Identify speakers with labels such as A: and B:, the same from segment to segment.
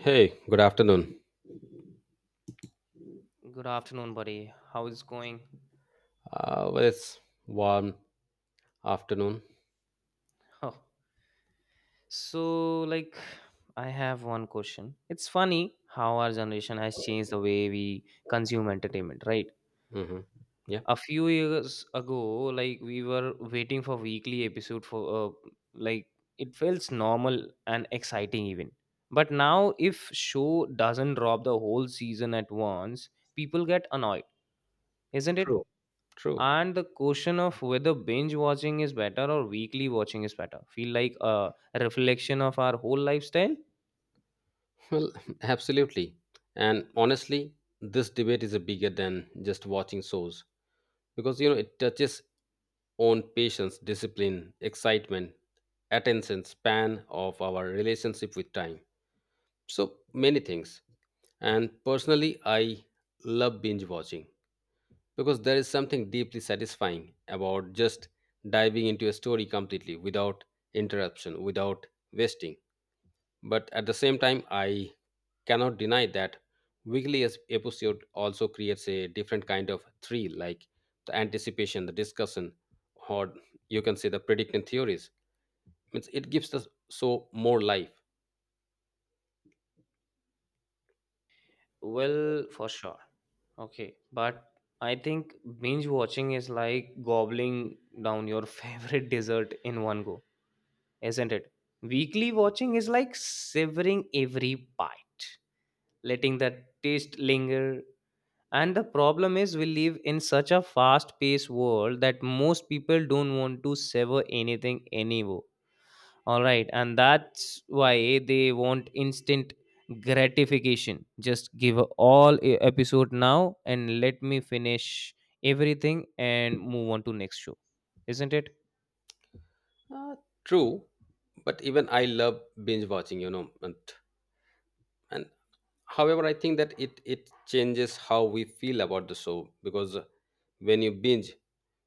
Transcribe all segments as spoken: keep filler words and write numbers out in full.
A: Hey, good afternoon.
B: Good afternoon, buddy. How is going?
A: Uh, well, it's warm afternoon.
B: Oh, so like I have one question. It's funny how our generation has changed the way we consume entertainment, right?
A: hmm Yeah,
B: A few years ago, like we were waiting for weekly episode for uh, like it feels normal and exciting even. But now if show doesn't drop the whole season at once, people get annoyed, isn't it?
A: true, true.
B: And the question of whether binge watching is better or weekly watching is better feel like a reflection of our whole lifestyle.
A: Well, absolutely. And honestly, this debate is a bigger than just watching shows because you know it touches on patience, discipline, excitement, attention span of our relationship with time. So many things. And personally, I love binge watching because there is something deeply satisfying about just diving into a story completely without interruption, without wasting. But at the same time, I cannot deny that weekly es- episode also creates a different kind of thrill, like the anticipation, the discussion, or you can say the predicting theories. Means it gives us so more life.
B: Well, for sure. Okay, but I think binge watching is like gobbling down your favorite dessert in one go, isn't it? Weekly watching is like severing every bite, letting the taste linger. And the problem is we live in such a fast paced world that most people don't want to sever anything anymore. All right, and that's why they want instant gratification. Just give all e- episode now and let me finish everything and move on to next show. Isn't it?
A: Uh, True, but even I love binge watching, you know, and, and however i think that it it changes how we feel about the show because when you binge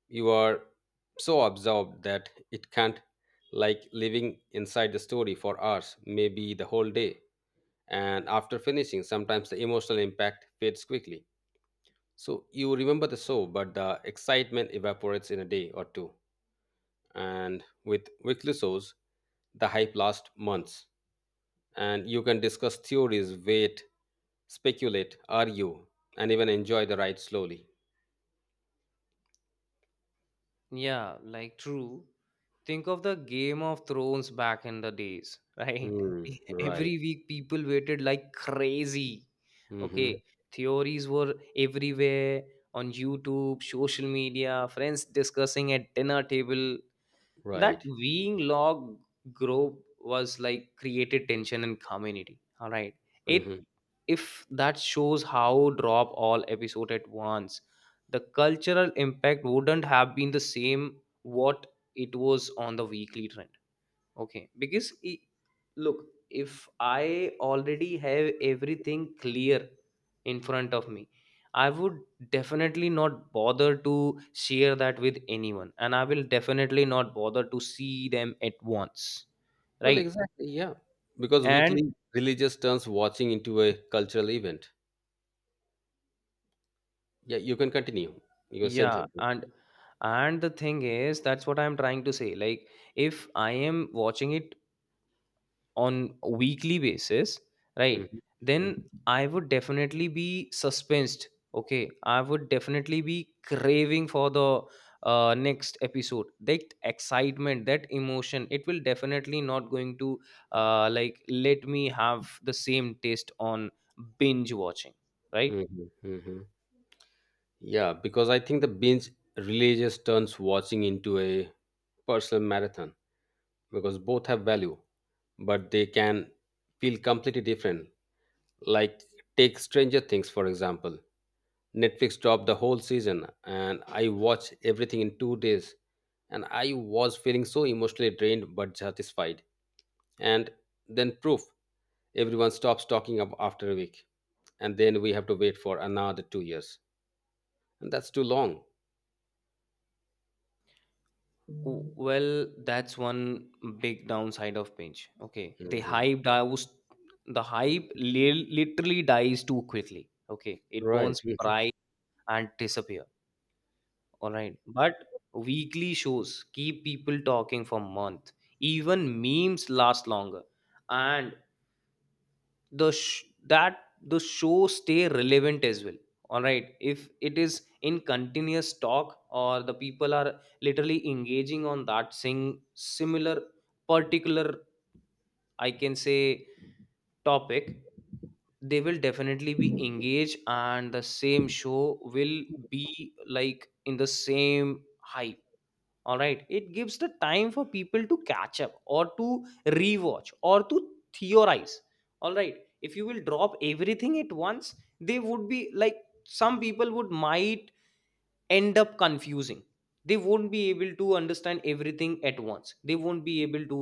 A: you are so absorbed that it can't like living inside the story for hours, maybe the whole day. And after finishing, sometimes the emotional impact fades quickly, so you remember the show but the excitement evaporates in a day or two. And with weekly shows the hype lasts months, and you can discuss theories, wait, speculate, argue, and even enjoy the ride slowly.
B: Yeah, like true. Think of the Game of Thrones back in the days, right?
A: Mm, right.
B: Every week people waited like crazy.
A: Mm-hmm.
B: Okay, theories were everywhere on YouTube, social media, friends discussing at dinner table. That
A: Right.
B: being log group was like created tension in community. All right, it
A: Mm-hmm.
B: if that shows how drop all episode at once, the cultural impact wouldn't have been the same, what it was on the weekly trend. Okay, because i- look, if I already have everything clear in front of me, I would definitely not bother to share that with anyone, and I will definitely not bother to see them at once,
A: Well,
B: right?
A: exactly. Yeah. Because
B: And
A: weekly religious turns watching into a cultural event. Yeah, you can continue. You can say
B: yeah,
A: something.
B: and and the thing is, that's what I'm trying to say. Like, if I am watching it on a weekly basis, right?
A: Mm-hmm.
B: Then
A: Mm-hmm.
B: I would definitely be suspensed. Okay, I would definitely be craving for the uh, next episode. That excitement, that emotion, it will definitely not going to uh, like let me have the same taste on binge watching, right?
A: Mm-hmm. Mm-hmm. Yeah, because I think the binge religious turns watching into a personal marathon because both have value, but they can feel completely different. Like take Stranger Things for example. Netflix dropped the whole season and I watched everything in two days. And I was feeling so emotionally drained but satisfied. And then proof everyone stops talking up after a week. And then we have to wait for another two years. And that's too long.
B: W- Well, that's one big downside of Pinch. Okay, the
A: Mhm.
B: hype dies. The hype li- literally dies too quickly. Okay, it
A: Right.
B: burns
A: Mhm.
B: bright and disappear. All right, but weekly shows keep people talking for month. Even memes last longer, and the sh- that the show stay relevant as well. All right, if it is in continuous talk or the people are literally engaging on that sing similar particular, I can say, topic, they will definitely be engaged and the same show will be like in the same hype. All right, it gives the time for people to catch up or to rewatch or to theorize. All right, if you will drop everything at once, they would be like some people would might end up confusing. They won't be able to understand everything at once. They won't be able to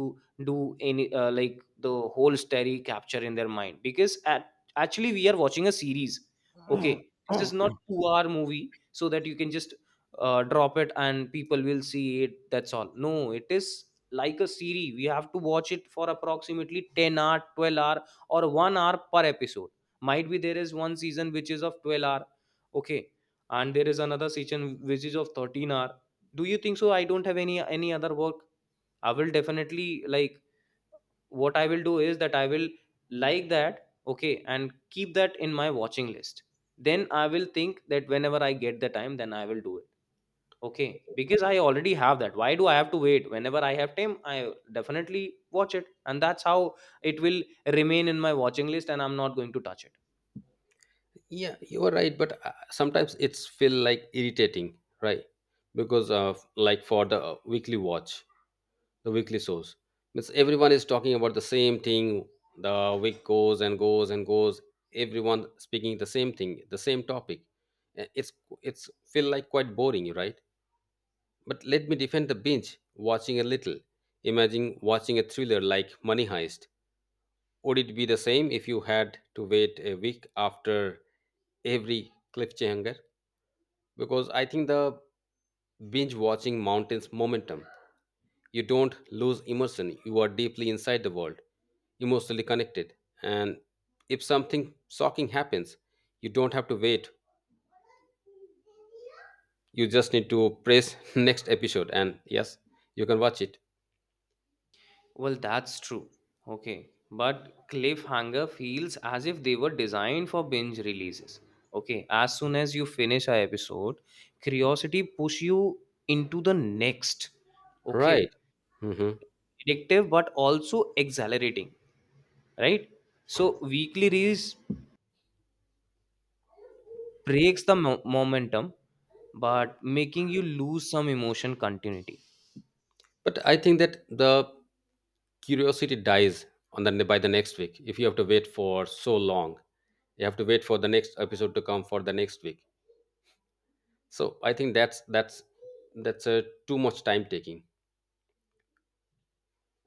B: do any uh, like the whole story capture in their mind, because at, actually we are watching a series. Okay, this is not two hour movie so that you can just uh, drop it and people will see it, that's all. No, it is like a series. We have to watch it for approximately ten hour twelve hour or one hour per episode. Might be there is one season which is of twelve hour, okay, and there is another session which is of thirteen hour. Do you think so? I don't have any any other work. I will definitely like, what I will do is that I will like that, okay, and keep that in my watching list. Then I will think that whenever I get the time then I will do it. Okay, because I already have that, why do I have to wait? Whenever I have time, I definitely watch it, and that's how it will remain in my watching list, and I'm not going to touch it.
A: Yeah, you are right. But uh, sometimes it's feel like irritating, right? Because of like for the uh, weekly watch, the weekly shows, means everyone is talking about the same thing, the week goes and goes and goes, everyone speaking the same thing, the same topic. Uh, it's it's feel like quite boring, right? But let me defend the binge watching a little. Imagine watching a thriller like money heist. Would it be the same if you had to wait a week after every cliffhanger? Because I think the binge watching mountains momentum. You don't lose immersion, you are deeply inside the world, emotionally connected. And if something shocking happens, you don't have to wait. You just need to press next episode, and yes, you can watch it.
B: Well, that's true. Okay. But Cliffhanger feels as if they were designed for binge releases. Okay, as soon as you finish an episode, curiosity push you into the next.
A: Right.
B: Okay.
A: hmm
B: Addictive, but also exhilarating, right? So, weekly release breaks the mo- momentum, but making you lose some emotion continuity.
A: But I think that the curiosity dies on the by the next week. If you have to wait for so long, you have to wait for the next episode to come for the next week. So I think that's that's that's a too much time taking.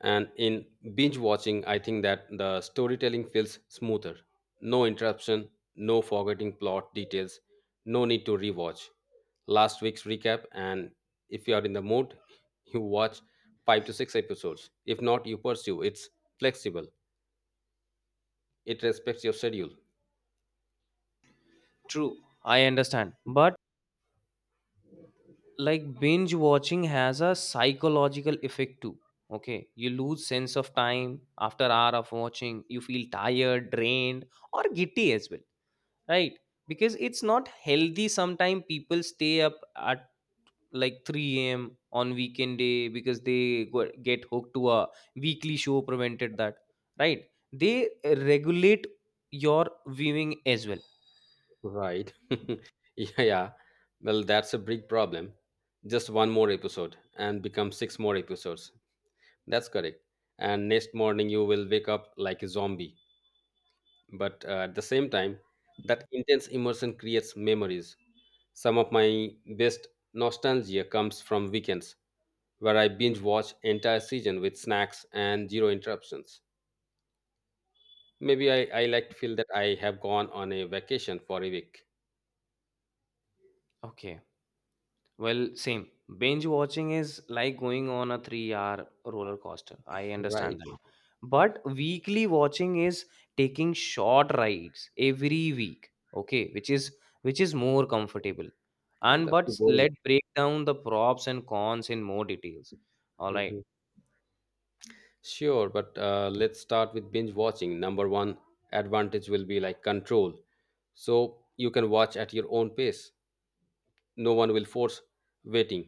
A: And in binge watching, I think that the storytelling feels smoother. No interruption, no forgetting plot details, no need to rewatch last week's recap. And if you are in the mood, you watch five to six episodes. If not, you pursue. It's flexible, it respects your schedule.
B: True. I understand. But like binge watching has a psychological effect too. Okay, you lose sense of time after hour of watching. You feel tired, drained, or giddy as well, right? Because it's not healthy. Sometimes people stay up at like three a.m. on weekend day because they go- get hooked to a weekly show prevented that, right? They regulate your viewing as well.
A: Right. Yeah, yeah. Well, that's a big problem. Just one more episode and become six more episodes. That's correct. And next morning, you will wake up like a zombie, but uh, at the same time that intense immersion creates memories. Some of my best nostalgia comes from weekends where i binge watch entire season with snacks and zero interruptions. maybe i, I like to feel that I have gone on a vacation for a week.
B: Okay. Well, same. Binge watching is like going on a three hour roller coaster. I
A: Right.
B: understand that. But weekly watching is taking short rides every week. Okay, which is which is more comfortable.
A: Yeah,
B: And
A: that's too
B: but
A: boring.
B: let's break down the props and cons in more details. All right.
A: hmm sure, but uh, let's start with binge watching. Number one, advantage will be like control, so you can watch at your own pace. No one will force waiting.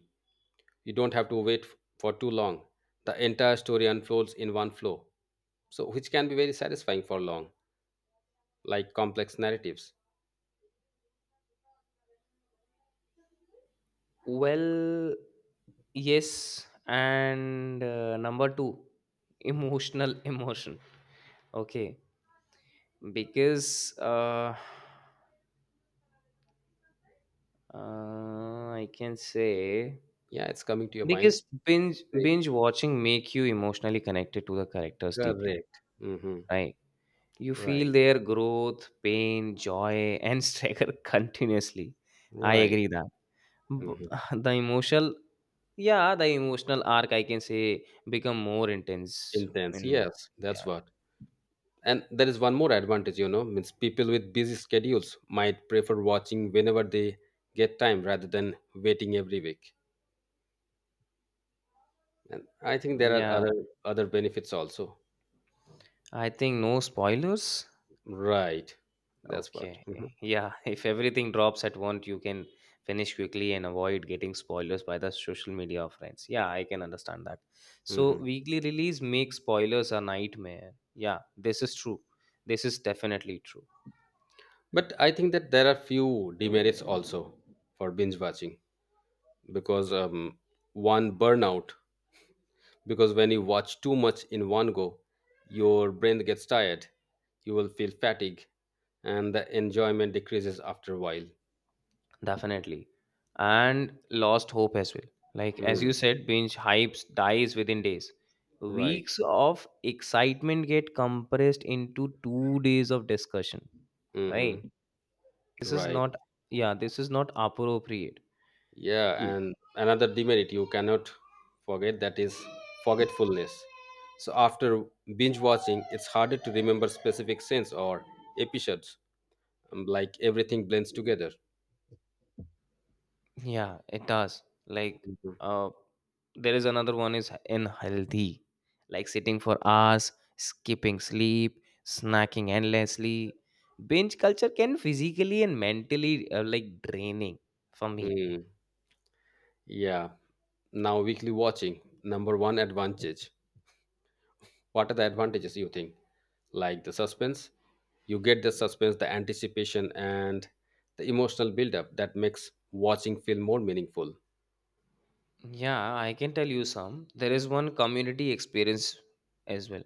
A: You don't have to wait f- for too long. The entire story unfolds in one flow, so which can be very satisfying for long, like complex narratives.
B: Well, yes, and uh, number two, emotional emotion. Okay, because uh Uh, I can say,
A: Yeah, it's coming to your
B: because
A: mind.
B: binge
A: Great.
B: binge watching make you emotionally connected to the characters deeply,
A: Correct. Mm-hmm.
B: right? You feel
A: Right.
B: their growth, pain, joy, and struggle continuously. I
A: Right.
B: agree that
A: hmm
B: B- the emotional, yeah, the emotional arc I can say become more intense.
A: Intense,
B: In
A: yes, that's
B: yeah,
A: what. And there is one more advantage, you know, means people with busy schedules might prefer watching whenever they get time rather than waiting every week. And I think there are
B: yeah,
A: other other benefits also.
B: I think no spoilers.
A: Right. That's what.
B: Okay.
A: hmm
B: Yeah. If everything drops at once, you can finish quickly and avoid getting spoilers by the social media of friends. Yeah, I can understand that. So
A: hmm
B: weekly release makes spoilers a nightmare. Yeah, this is true. This is definitely true.
A: But I think that there are few demerits also for binge watching because um, one, burnout. Because when you watch too much in one go, your brain gets tired, you will feel fatigue, and the enjoyment decreases after a while.
B: Definitely. And lost hope as well. Like as
A: Hmm.
B: you said, binge hypes dies within days.
A: Right.
B: Weeks of excitement get compressed into two days of discussion.
A: hmm
B: Right. This is
A: Right.
B: not, yeah, this is not appropriate.
A: Yeah,
B: L-
A: and another demerit you cannot forget, that is forgetfulness. So after binge watching, it's harder to remember specific scenes or episodes. um, Like everything blends together.
B: Yeah, it does. Like,
A: Mhm.
B: uh, there is another one is unhealthy, like sitting for hours, skipping sleep, snacking endlessly. Binge culture can physically and mentally uh, like draining for me.
A: Mm, yeah. Now, weekly watching. Number one advantage. What are the advantages you think? Like the suspense, you get the suspense, the anticipation, and the emotional buildup that makes watching feel more meaningful.
B: Yeah, I can tell you some. There is one community experience as well.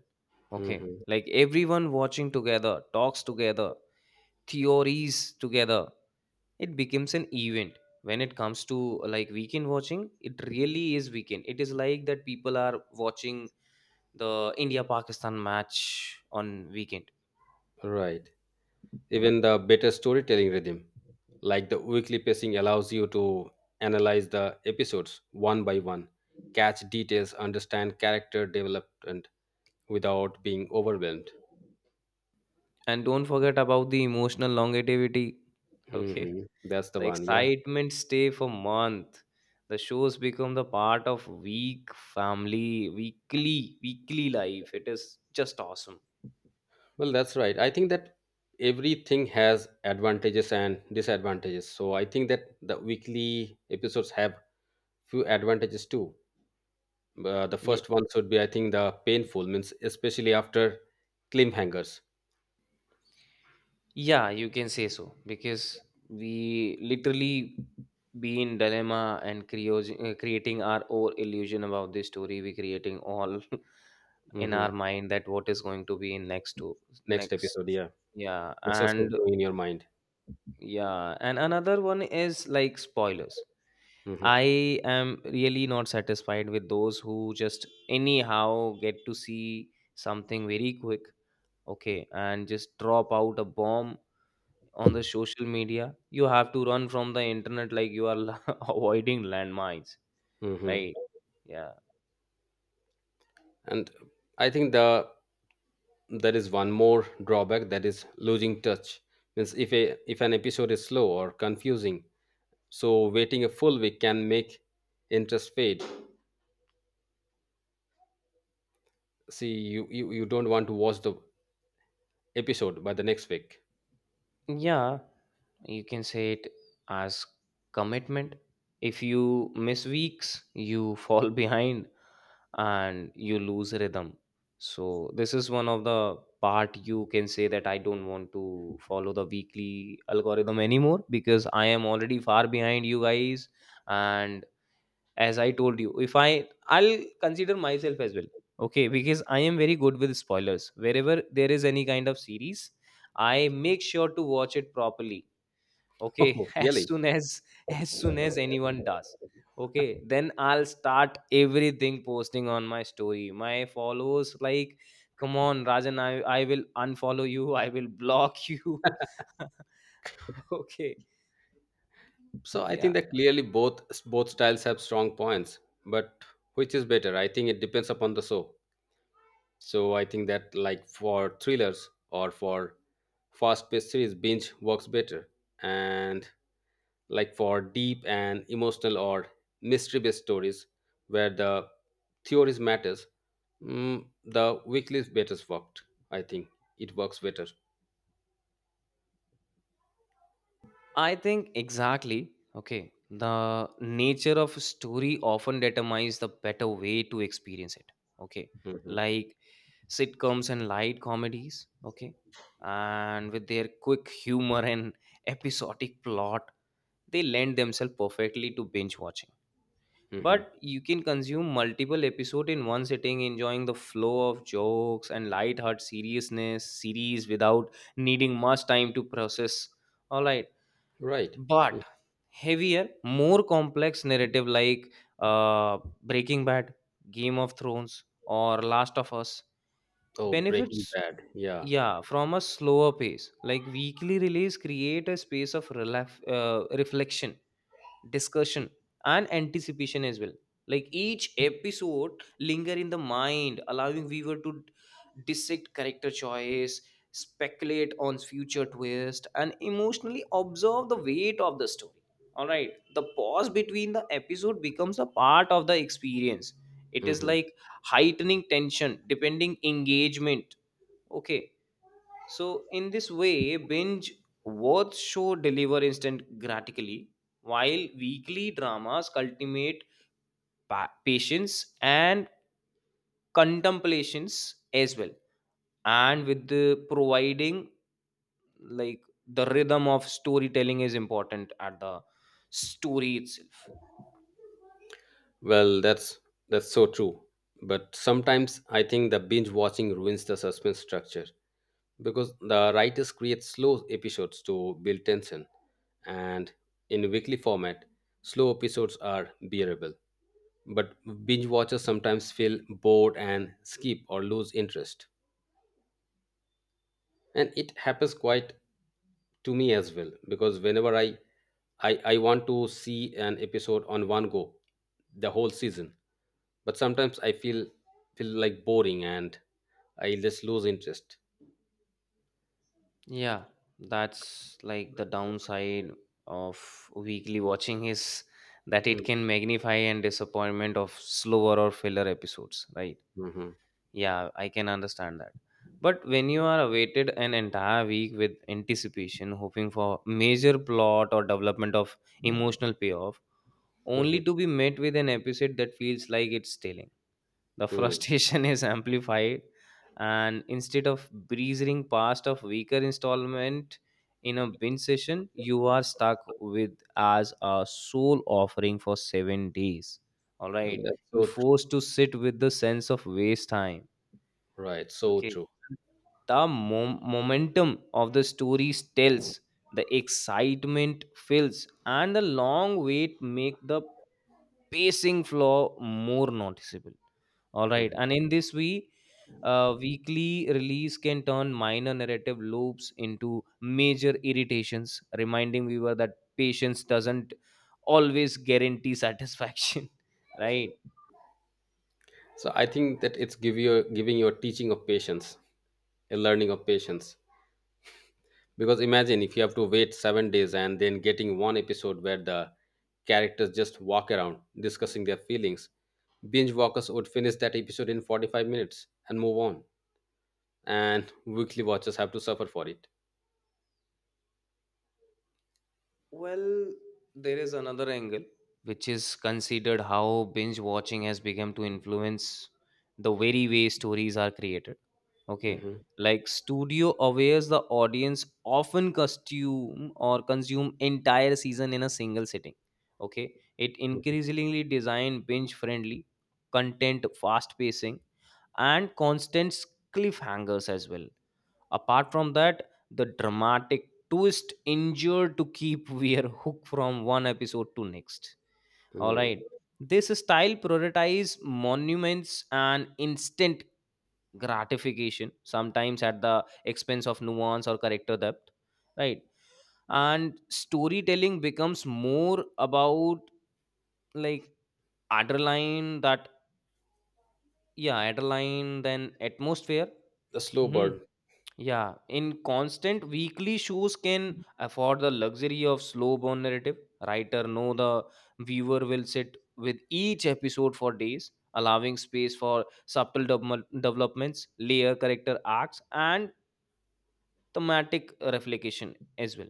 B: Okay.
A: Mhm.
B: Like everyone watching together, talks together, theories together. It becomes an event. When it comes to like weekend watching, it really is weekend. It is like that people are watching the india pakistan match on weekend.
A: Right. Even the better storytelling rhythm, like the weekly pacing, allows you to analyze the episodes one by one, catch details, understand character development without being overwhelmed.
B: And don't forget about the emotional longevity. Okay,
A: hmm That's the
B: the
A: one. Yeah.
B: excitement stay for month. The shows become the part of week family weekly weekly life. It is just awesome.
A: Well, that's right. I think that everything has advantages and disadvantages. So I think that the weekly episodes have few advantages too. Uh, the first one should be, I think, the painful means especially after cliffhangers.
B: Yeah, you can say so, because we literally be in dilemma and creos- uh, creating our own illusion about this story. We creating all in
A: hmm
B: our mind that what is going to be in next to
A: Next
B: next.
A: episode, yeah,
B: Yeah,
A: the suspense
B: and
A: going in your mind.
B: yeah, and another one is like spoilers.
A: hmm
B: I am really not satisfied with those who just anyhow get to see something very quick, okay, and just drop out a bomb on the social media. You have to run from the internet like you are avoiding landmines,
A: hmm
B: right? Yeah.
A: And I think the there is one more drawback, that is losing touch. Means if a if an episode is slow or confusing, so waiting a full week can make interest fade. See, you, you you don't want to watch the episode by the next week.
B: Yeah, you can say it as commitment. If you miss weeks, you fall behind and you lose rhythm. So this is one of the part. You can say that I don't want to follow the weekly algorithm anymore, because I am already far behind you guys. And as I told you, if i i'll consider myself as well. Okay, because I am very good with spoilers. Wherever there is any kind of series, I make sure to watch it properly. Okay,
A: Oh,
B: as
A: really?
B: soon as as soon as anyone does, okay, then I'll start everything posting on my story. My followers like, come on rajan, i, I will unfollow you, I will block you. Okay,
A: So I think
B: yeah.
A: that clearly both both styles have strong points, but which is better, I think it depends upon the show. So I think that like for thrillers or for fast paced series, binge works better. And like for deep and emotional or mystery based stories where the theories matters, mm, the weekly better worked, I think it works better.
B: I think exactly. Okay. The nature of a story often determines the better way to experience it. Okay.
A: Mhm.
B: Like sitcoms and light comedies. Okay. And with their quick humor and episodic plot, they lend themselves perfectly to binge watching.
A: Mhm.
B: But you can consume multiple episodes in one sitting, enjoying the flow of jokes and light-hearted seriousness series without needing much time to process. All right,
A: Right.
B: but
A: Mm.
B: heavier, more complex narrative like uh, Breaking Bad, Game of Thrones, or Last of Us
A: Oh, Breaking
B: benefits,
A: Bad. Yeah.
B: yeah, from a slower pace. Like weekly release create a space of relef- uh, reflection, discussion, and anticipation as well. Like each episode linger in the mind, allowing viewer to dissect character choice, speculate on future twist and emotionally observe the weight of the story. All right, the pause between the episode becomes a part of the experience. It is
A: hmm
B: like heightening tension, depending engagement. Okay, so, in this way, binge watch show deliver instant gratically, while weekly dramas cultivate pa- patience and contemplations as well. And with the providing, like the rhythm of storytelling is important at the story itself.
A: Well, that's that's so true. But sometimes I think the binge watching ruins the suspense structure because the writers create slow episodes to build tension, and in weekly format, slow episodes are bearable. But binge watchers sometimes feel bored and skip or lose interest, and it happens quite to me as well because whenever I I I want to see an episode on one go, the whole season. But sometimes I feel feel like boring and I just lose interest.
B: Yeah, that's like the downside of weekly watching is that it can magnify and disappointment of slower or filler episodes, right?
A: Mm-hmm.
B: Yeah, I can understand that. But when you are awaited an entire week with anticipation, hoping for major plot or development of emotional payoff, only to be met with an episode that feels like it's stealing the frustration is amplified, and instead of breezing past a weaker installment in a binge session, you are stuck with as a sole offering for seven days. All
A: Well,
B: right,
A: that's
B: you
A: so tr-
B: forced to sit with the sense of waste time.
A: right, so
B: Okay,
A: true.
B: the mom- momentum of the story tells the excitement fills and the long wait make the pacing flaw more noticeable. All right,
A: Mhm.
B: and in this way uh, weekly release can turn minor narrative loops into major irritations, reminding viewer that patience doesn't always guarantee satisfaction, right.
A: So I think that it's give you giving you a teaching of patience, a learning of patience. Because imagine if you have to wait seven days and then getting one episode where the characters just walk around discussing their feelings. Binge walkers would finish that episode in forty-five minutes and move on. And weekly watchers have to suffer for it.
B: Well, there is another angle which is considered how binge watching has become to influence the very way stories are created. Okay,
A: Mhm,
B: like studio awares the audience often costume or consume entire season in a single sitting. Okay, it
A: mhm,
B: increasingly design binge friendly content, fast pacing, and constant cliffhangers as well. Apart from that, the dramatic twist endured to keep Weir hooked from one episode to next. Alright.
A: mm.
B: This style prioritizes monuments and instant gratification, sometimes at the expense of nuance or character depth. Right. And storytelling becomes more about like adrenaline that, yeah, adrenaline than atmosphere.
A: The slow
B: Mhm.
A: burn.
B: Yeah, in constant weekly shows can afford the luxury of slow burn narrative. Writer know the viewer will sit with each episode for days, allowing space for subtle develop- developments, layer character arcs, and thematic reflection as well.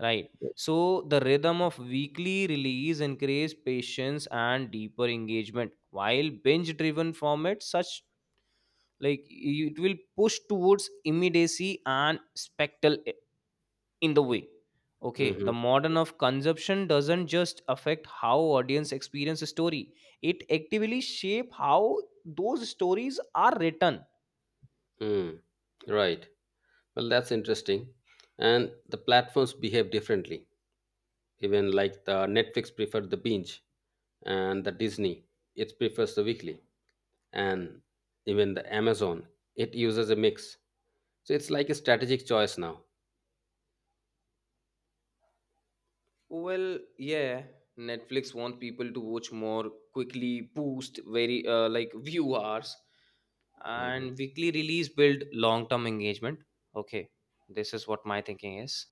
B: Right. So the rhythm of weekly release encourages patience and deeper engagement, while binge-driven formats such like it will push towards immediacy and spectacle in the way. Okay,
A: hmm
B: the modern of consumption doesn't just affect how audience experience a story, it actively shape how those stories are written.
A: Mm. Right. Well, that's interesting. And the platforms behave differently. Even like the Netflix preferred the binge, and the Disney, it prefers the weekly. And even the Amazon. It uses a mix. So it's like a strategic choice now.
B: Well, yeah, Netflix want people to watch more quickly, boost very uh, like view hours,
A: Mhm.
B: and weekly release build long term engagement. Okay, this is what my thinking is.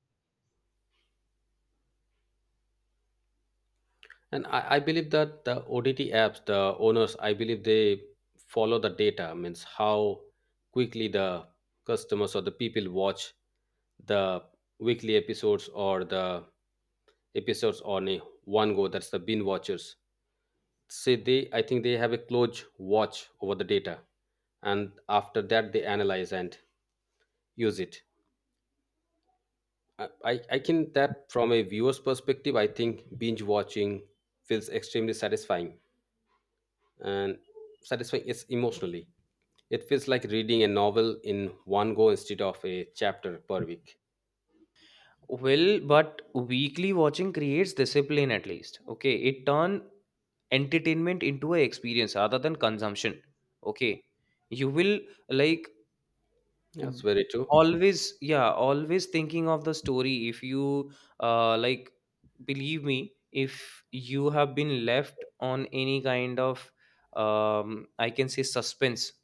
A: And I, I believe that the O D T apps, the owners, I believe they follow the data, means how quickly the customers or the people watch the weekly episodes or the episodes on a one go. That's the bin watchers. Say they, I think they have a close watch over the data, and after that they analyze and use it. I, I I can that from a viewer's perspective, I think binge watching feels extremely satisfying, and satisfying is emotionally. It feels like reading a novel in one go instead of a chapter per week.
B: Well, but weekly watching creates discipline at least. Okay, it turn entertainment into a experience rather than consumption. Okay, you will like,
A: That's
B: mm,
A: very true.
B: always, yeah, always thinking of the story if you, uh, like, believe me, if you have been left on any kind of, um, I can say, suspense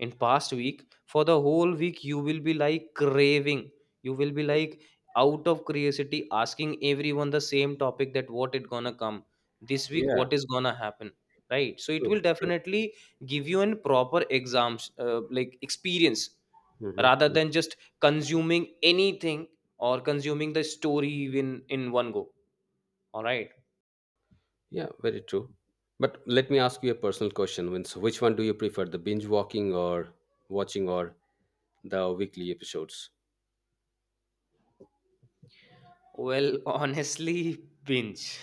B: in past week, for the whole week you will be like craving, you will be like out of curiosity asking everyone the same topic that what it gonna come this week,
A: Yeah,
B: what is gonna happen, right? So it
A: true,
B: will
A: true.
B: definitely give you an proper exams, uh, like, experience rather
A: hmm
B: than just consuming anything or consuming the story in in one go. All right.
A: Yeah, very true. But let me ask you a personal question. Means which one do you prefer, the binge walking or watching or the weekly episodes?
B: Well, honestly, binge.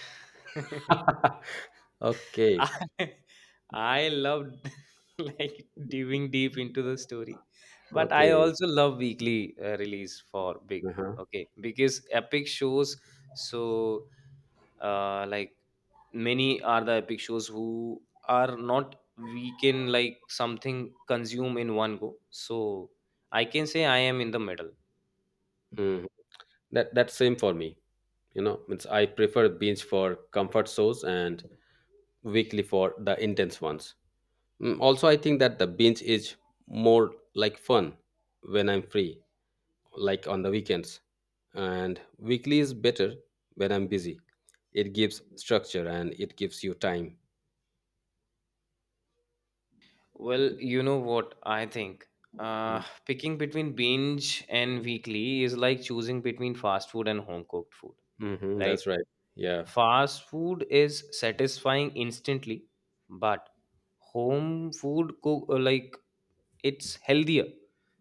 A: okay,
B: I i loved like diving deep into the story, but I
A: okay.
B: also love weekly uh, release for big.
A: Uh-huh.
B: Okay, because epic shows, so, uh, like, many are the epic shows who are not we can like something consume in one go. So I can say I am in the middle.
A: Mhm. That that's same for me. You know means i prefer binge for comfort shows and weekly for the intense ones. Mm, also i think that the binge is more like fun when i'm free, like on the weekends, and weekly is better when i'm busy. It gives structure and it gives you time.
B: Well, you know what I think, uh, picking between binge and weekly is like choosing between fast food and home cooked food,
A: Hmm
B: right?
A: that's right. Yeah.
B: Fast food is satisfying instantly, but home food cook, uh, like, it's healthier,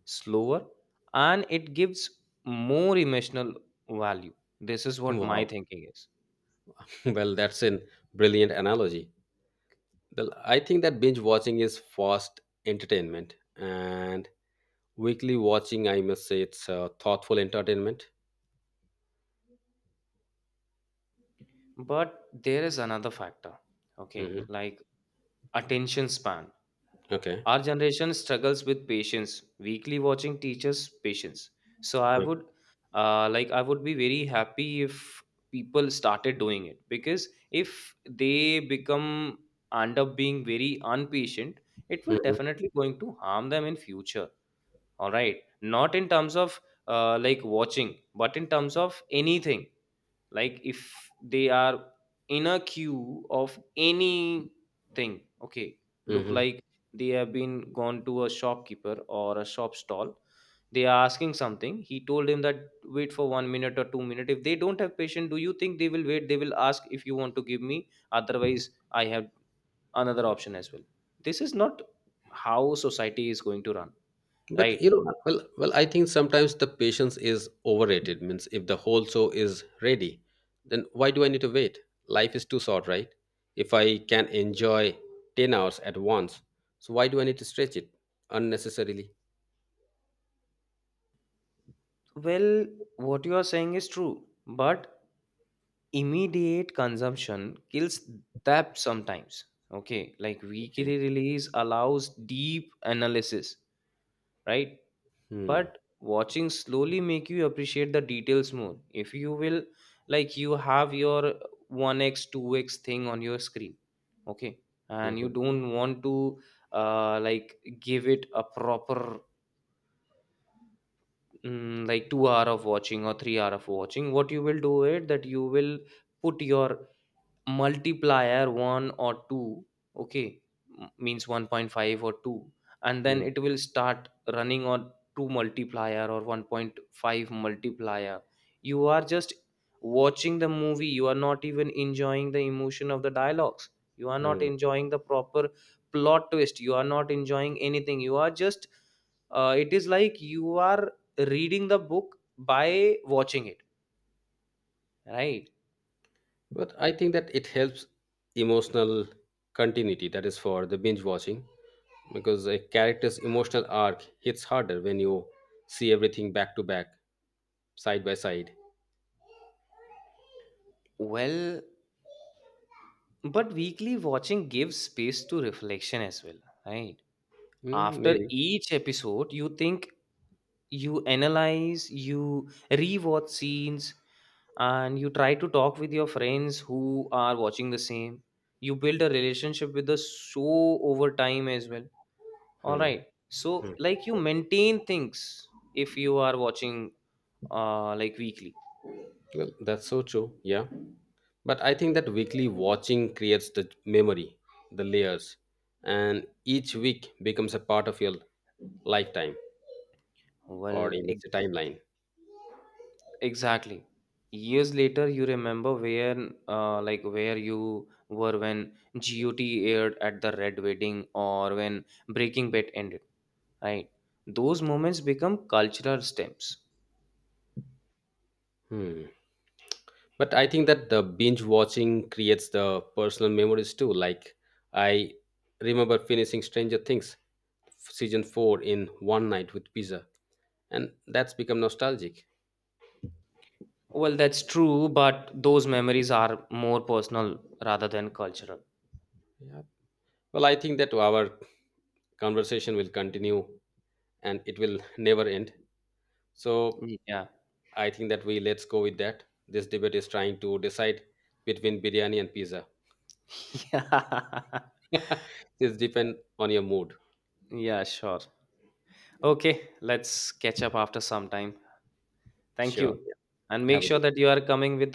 B: slower, and it gives more emotional value. This is what my
A: Wow.
B: thinking is.
A: Well, that's a brilliant analogy. Well, I think that binge watching is fast entertainment and weekly watching, I must say, it's uh, thoughtful entertainment.
B: But there is another factor, okay,
A: hmm
B: like attention span.
A: Okay.
B: Our generation struggles with patience. Weekly watching teachers patience. So I would, uh, like, I would be very happy if people started doing it, because if they become end up being very unpatient, it will
A: Mm-hmm.
B: definitely going to harm them in future. All right, not in terms of uh, like watching, but in terms of anything, like if they are in a queue of anything. Okay, look,
A: hmm
B: like they have been gone to a shopkeeper or a shop stall, they are asking something, he told him that wait for one minute or two minute. If they don't have patience, do you think they will wait? They will ask, if you want to give me, otherwise I have another option as well. This is not how society is going to run,
A: But
B: right?
A: you know, well, well, I think sometimes the patience is overrated. Means if the whole show is ready, then why do I need to wait? Life is too short, right? If I can enjoy ten hours at once, so why do I need to stretch it unnecessarily?
B: Well, what you are saying is true, but immediate consumption kills depth sometimes. Okay, like
A: Okay.
B: weekly release allows deep analysis, right?
A: Hmm.
B: But watching slowly make you appreciate the details more. If you will like, you have your one x two x thing on your screen, okay, and you
A: hmm
B: don't want to, uh, like, give it a proper, mm, like, two hour of watching or three hour of watching, what you will do it that you will put your multiplier one or two. Okay, m- means one point five or two, and then
A: hmm
B: it will start running on two multiplier or one point five multiplier. You are just watching the movie, you are not even enjoying the emotion of the dialogues, you are not
A: hmm.
B: enjoying the proper plot twist, you are not enjoying anything, you are just, uh, it is like you are reading the book by watching it, right?
A: But I think that it helps emotional continuity. That is for the binge watching. Because a character's emotional arc hits harder when you see everything back to back, side by side.
B: Well, but weekly watching gives space to reflection as well, right?
A: Mm,
B: After
A: maybe.
B: each episode, you think, you analyze, you rewatch scenes, and you try to talk with your friends who are watching the same. You build a relationship with the show over time as well. All
A: Hmm.
B: right. So,
A: Hmm.
B: like, you maintain things if you are watching, uh, like, weekly.
A: Well, that's so true. Yeah. But I think that weekly watching creates the memory, the layers, and each week becomes a part of your lifetime or
B: Well,
A: in a
B: exactly.
A: timeline.
B: Exactly. Years later, you remember where, uh, like, where you were when G O T aired at the Red Wedding or when Breaking Bad ended, right? Those moments become cultural stamps.
A: Hmm. But I think that the binge watching creates the personal memories too. Like I remember finishing Stranger Things season four in one night with pizza, and that's become nostalgic.
B: Well, that's true, but those memories are more personal rather than cultural.
A: Yeah, well, i think that our conversation will continue and it will never end. So
B: Yeah.
A: i think that we let's go with that this debate is trying to decide between biryani and pizza.
B: Yeah.
A: It's depend on your mood.
B: Yeah, sure. Okay, let's catch up after some time. Thank
A: Sure,
B: you. And
A: yeah.
B: make
A: Have a
B: sure
A: good
B: that you are coming with the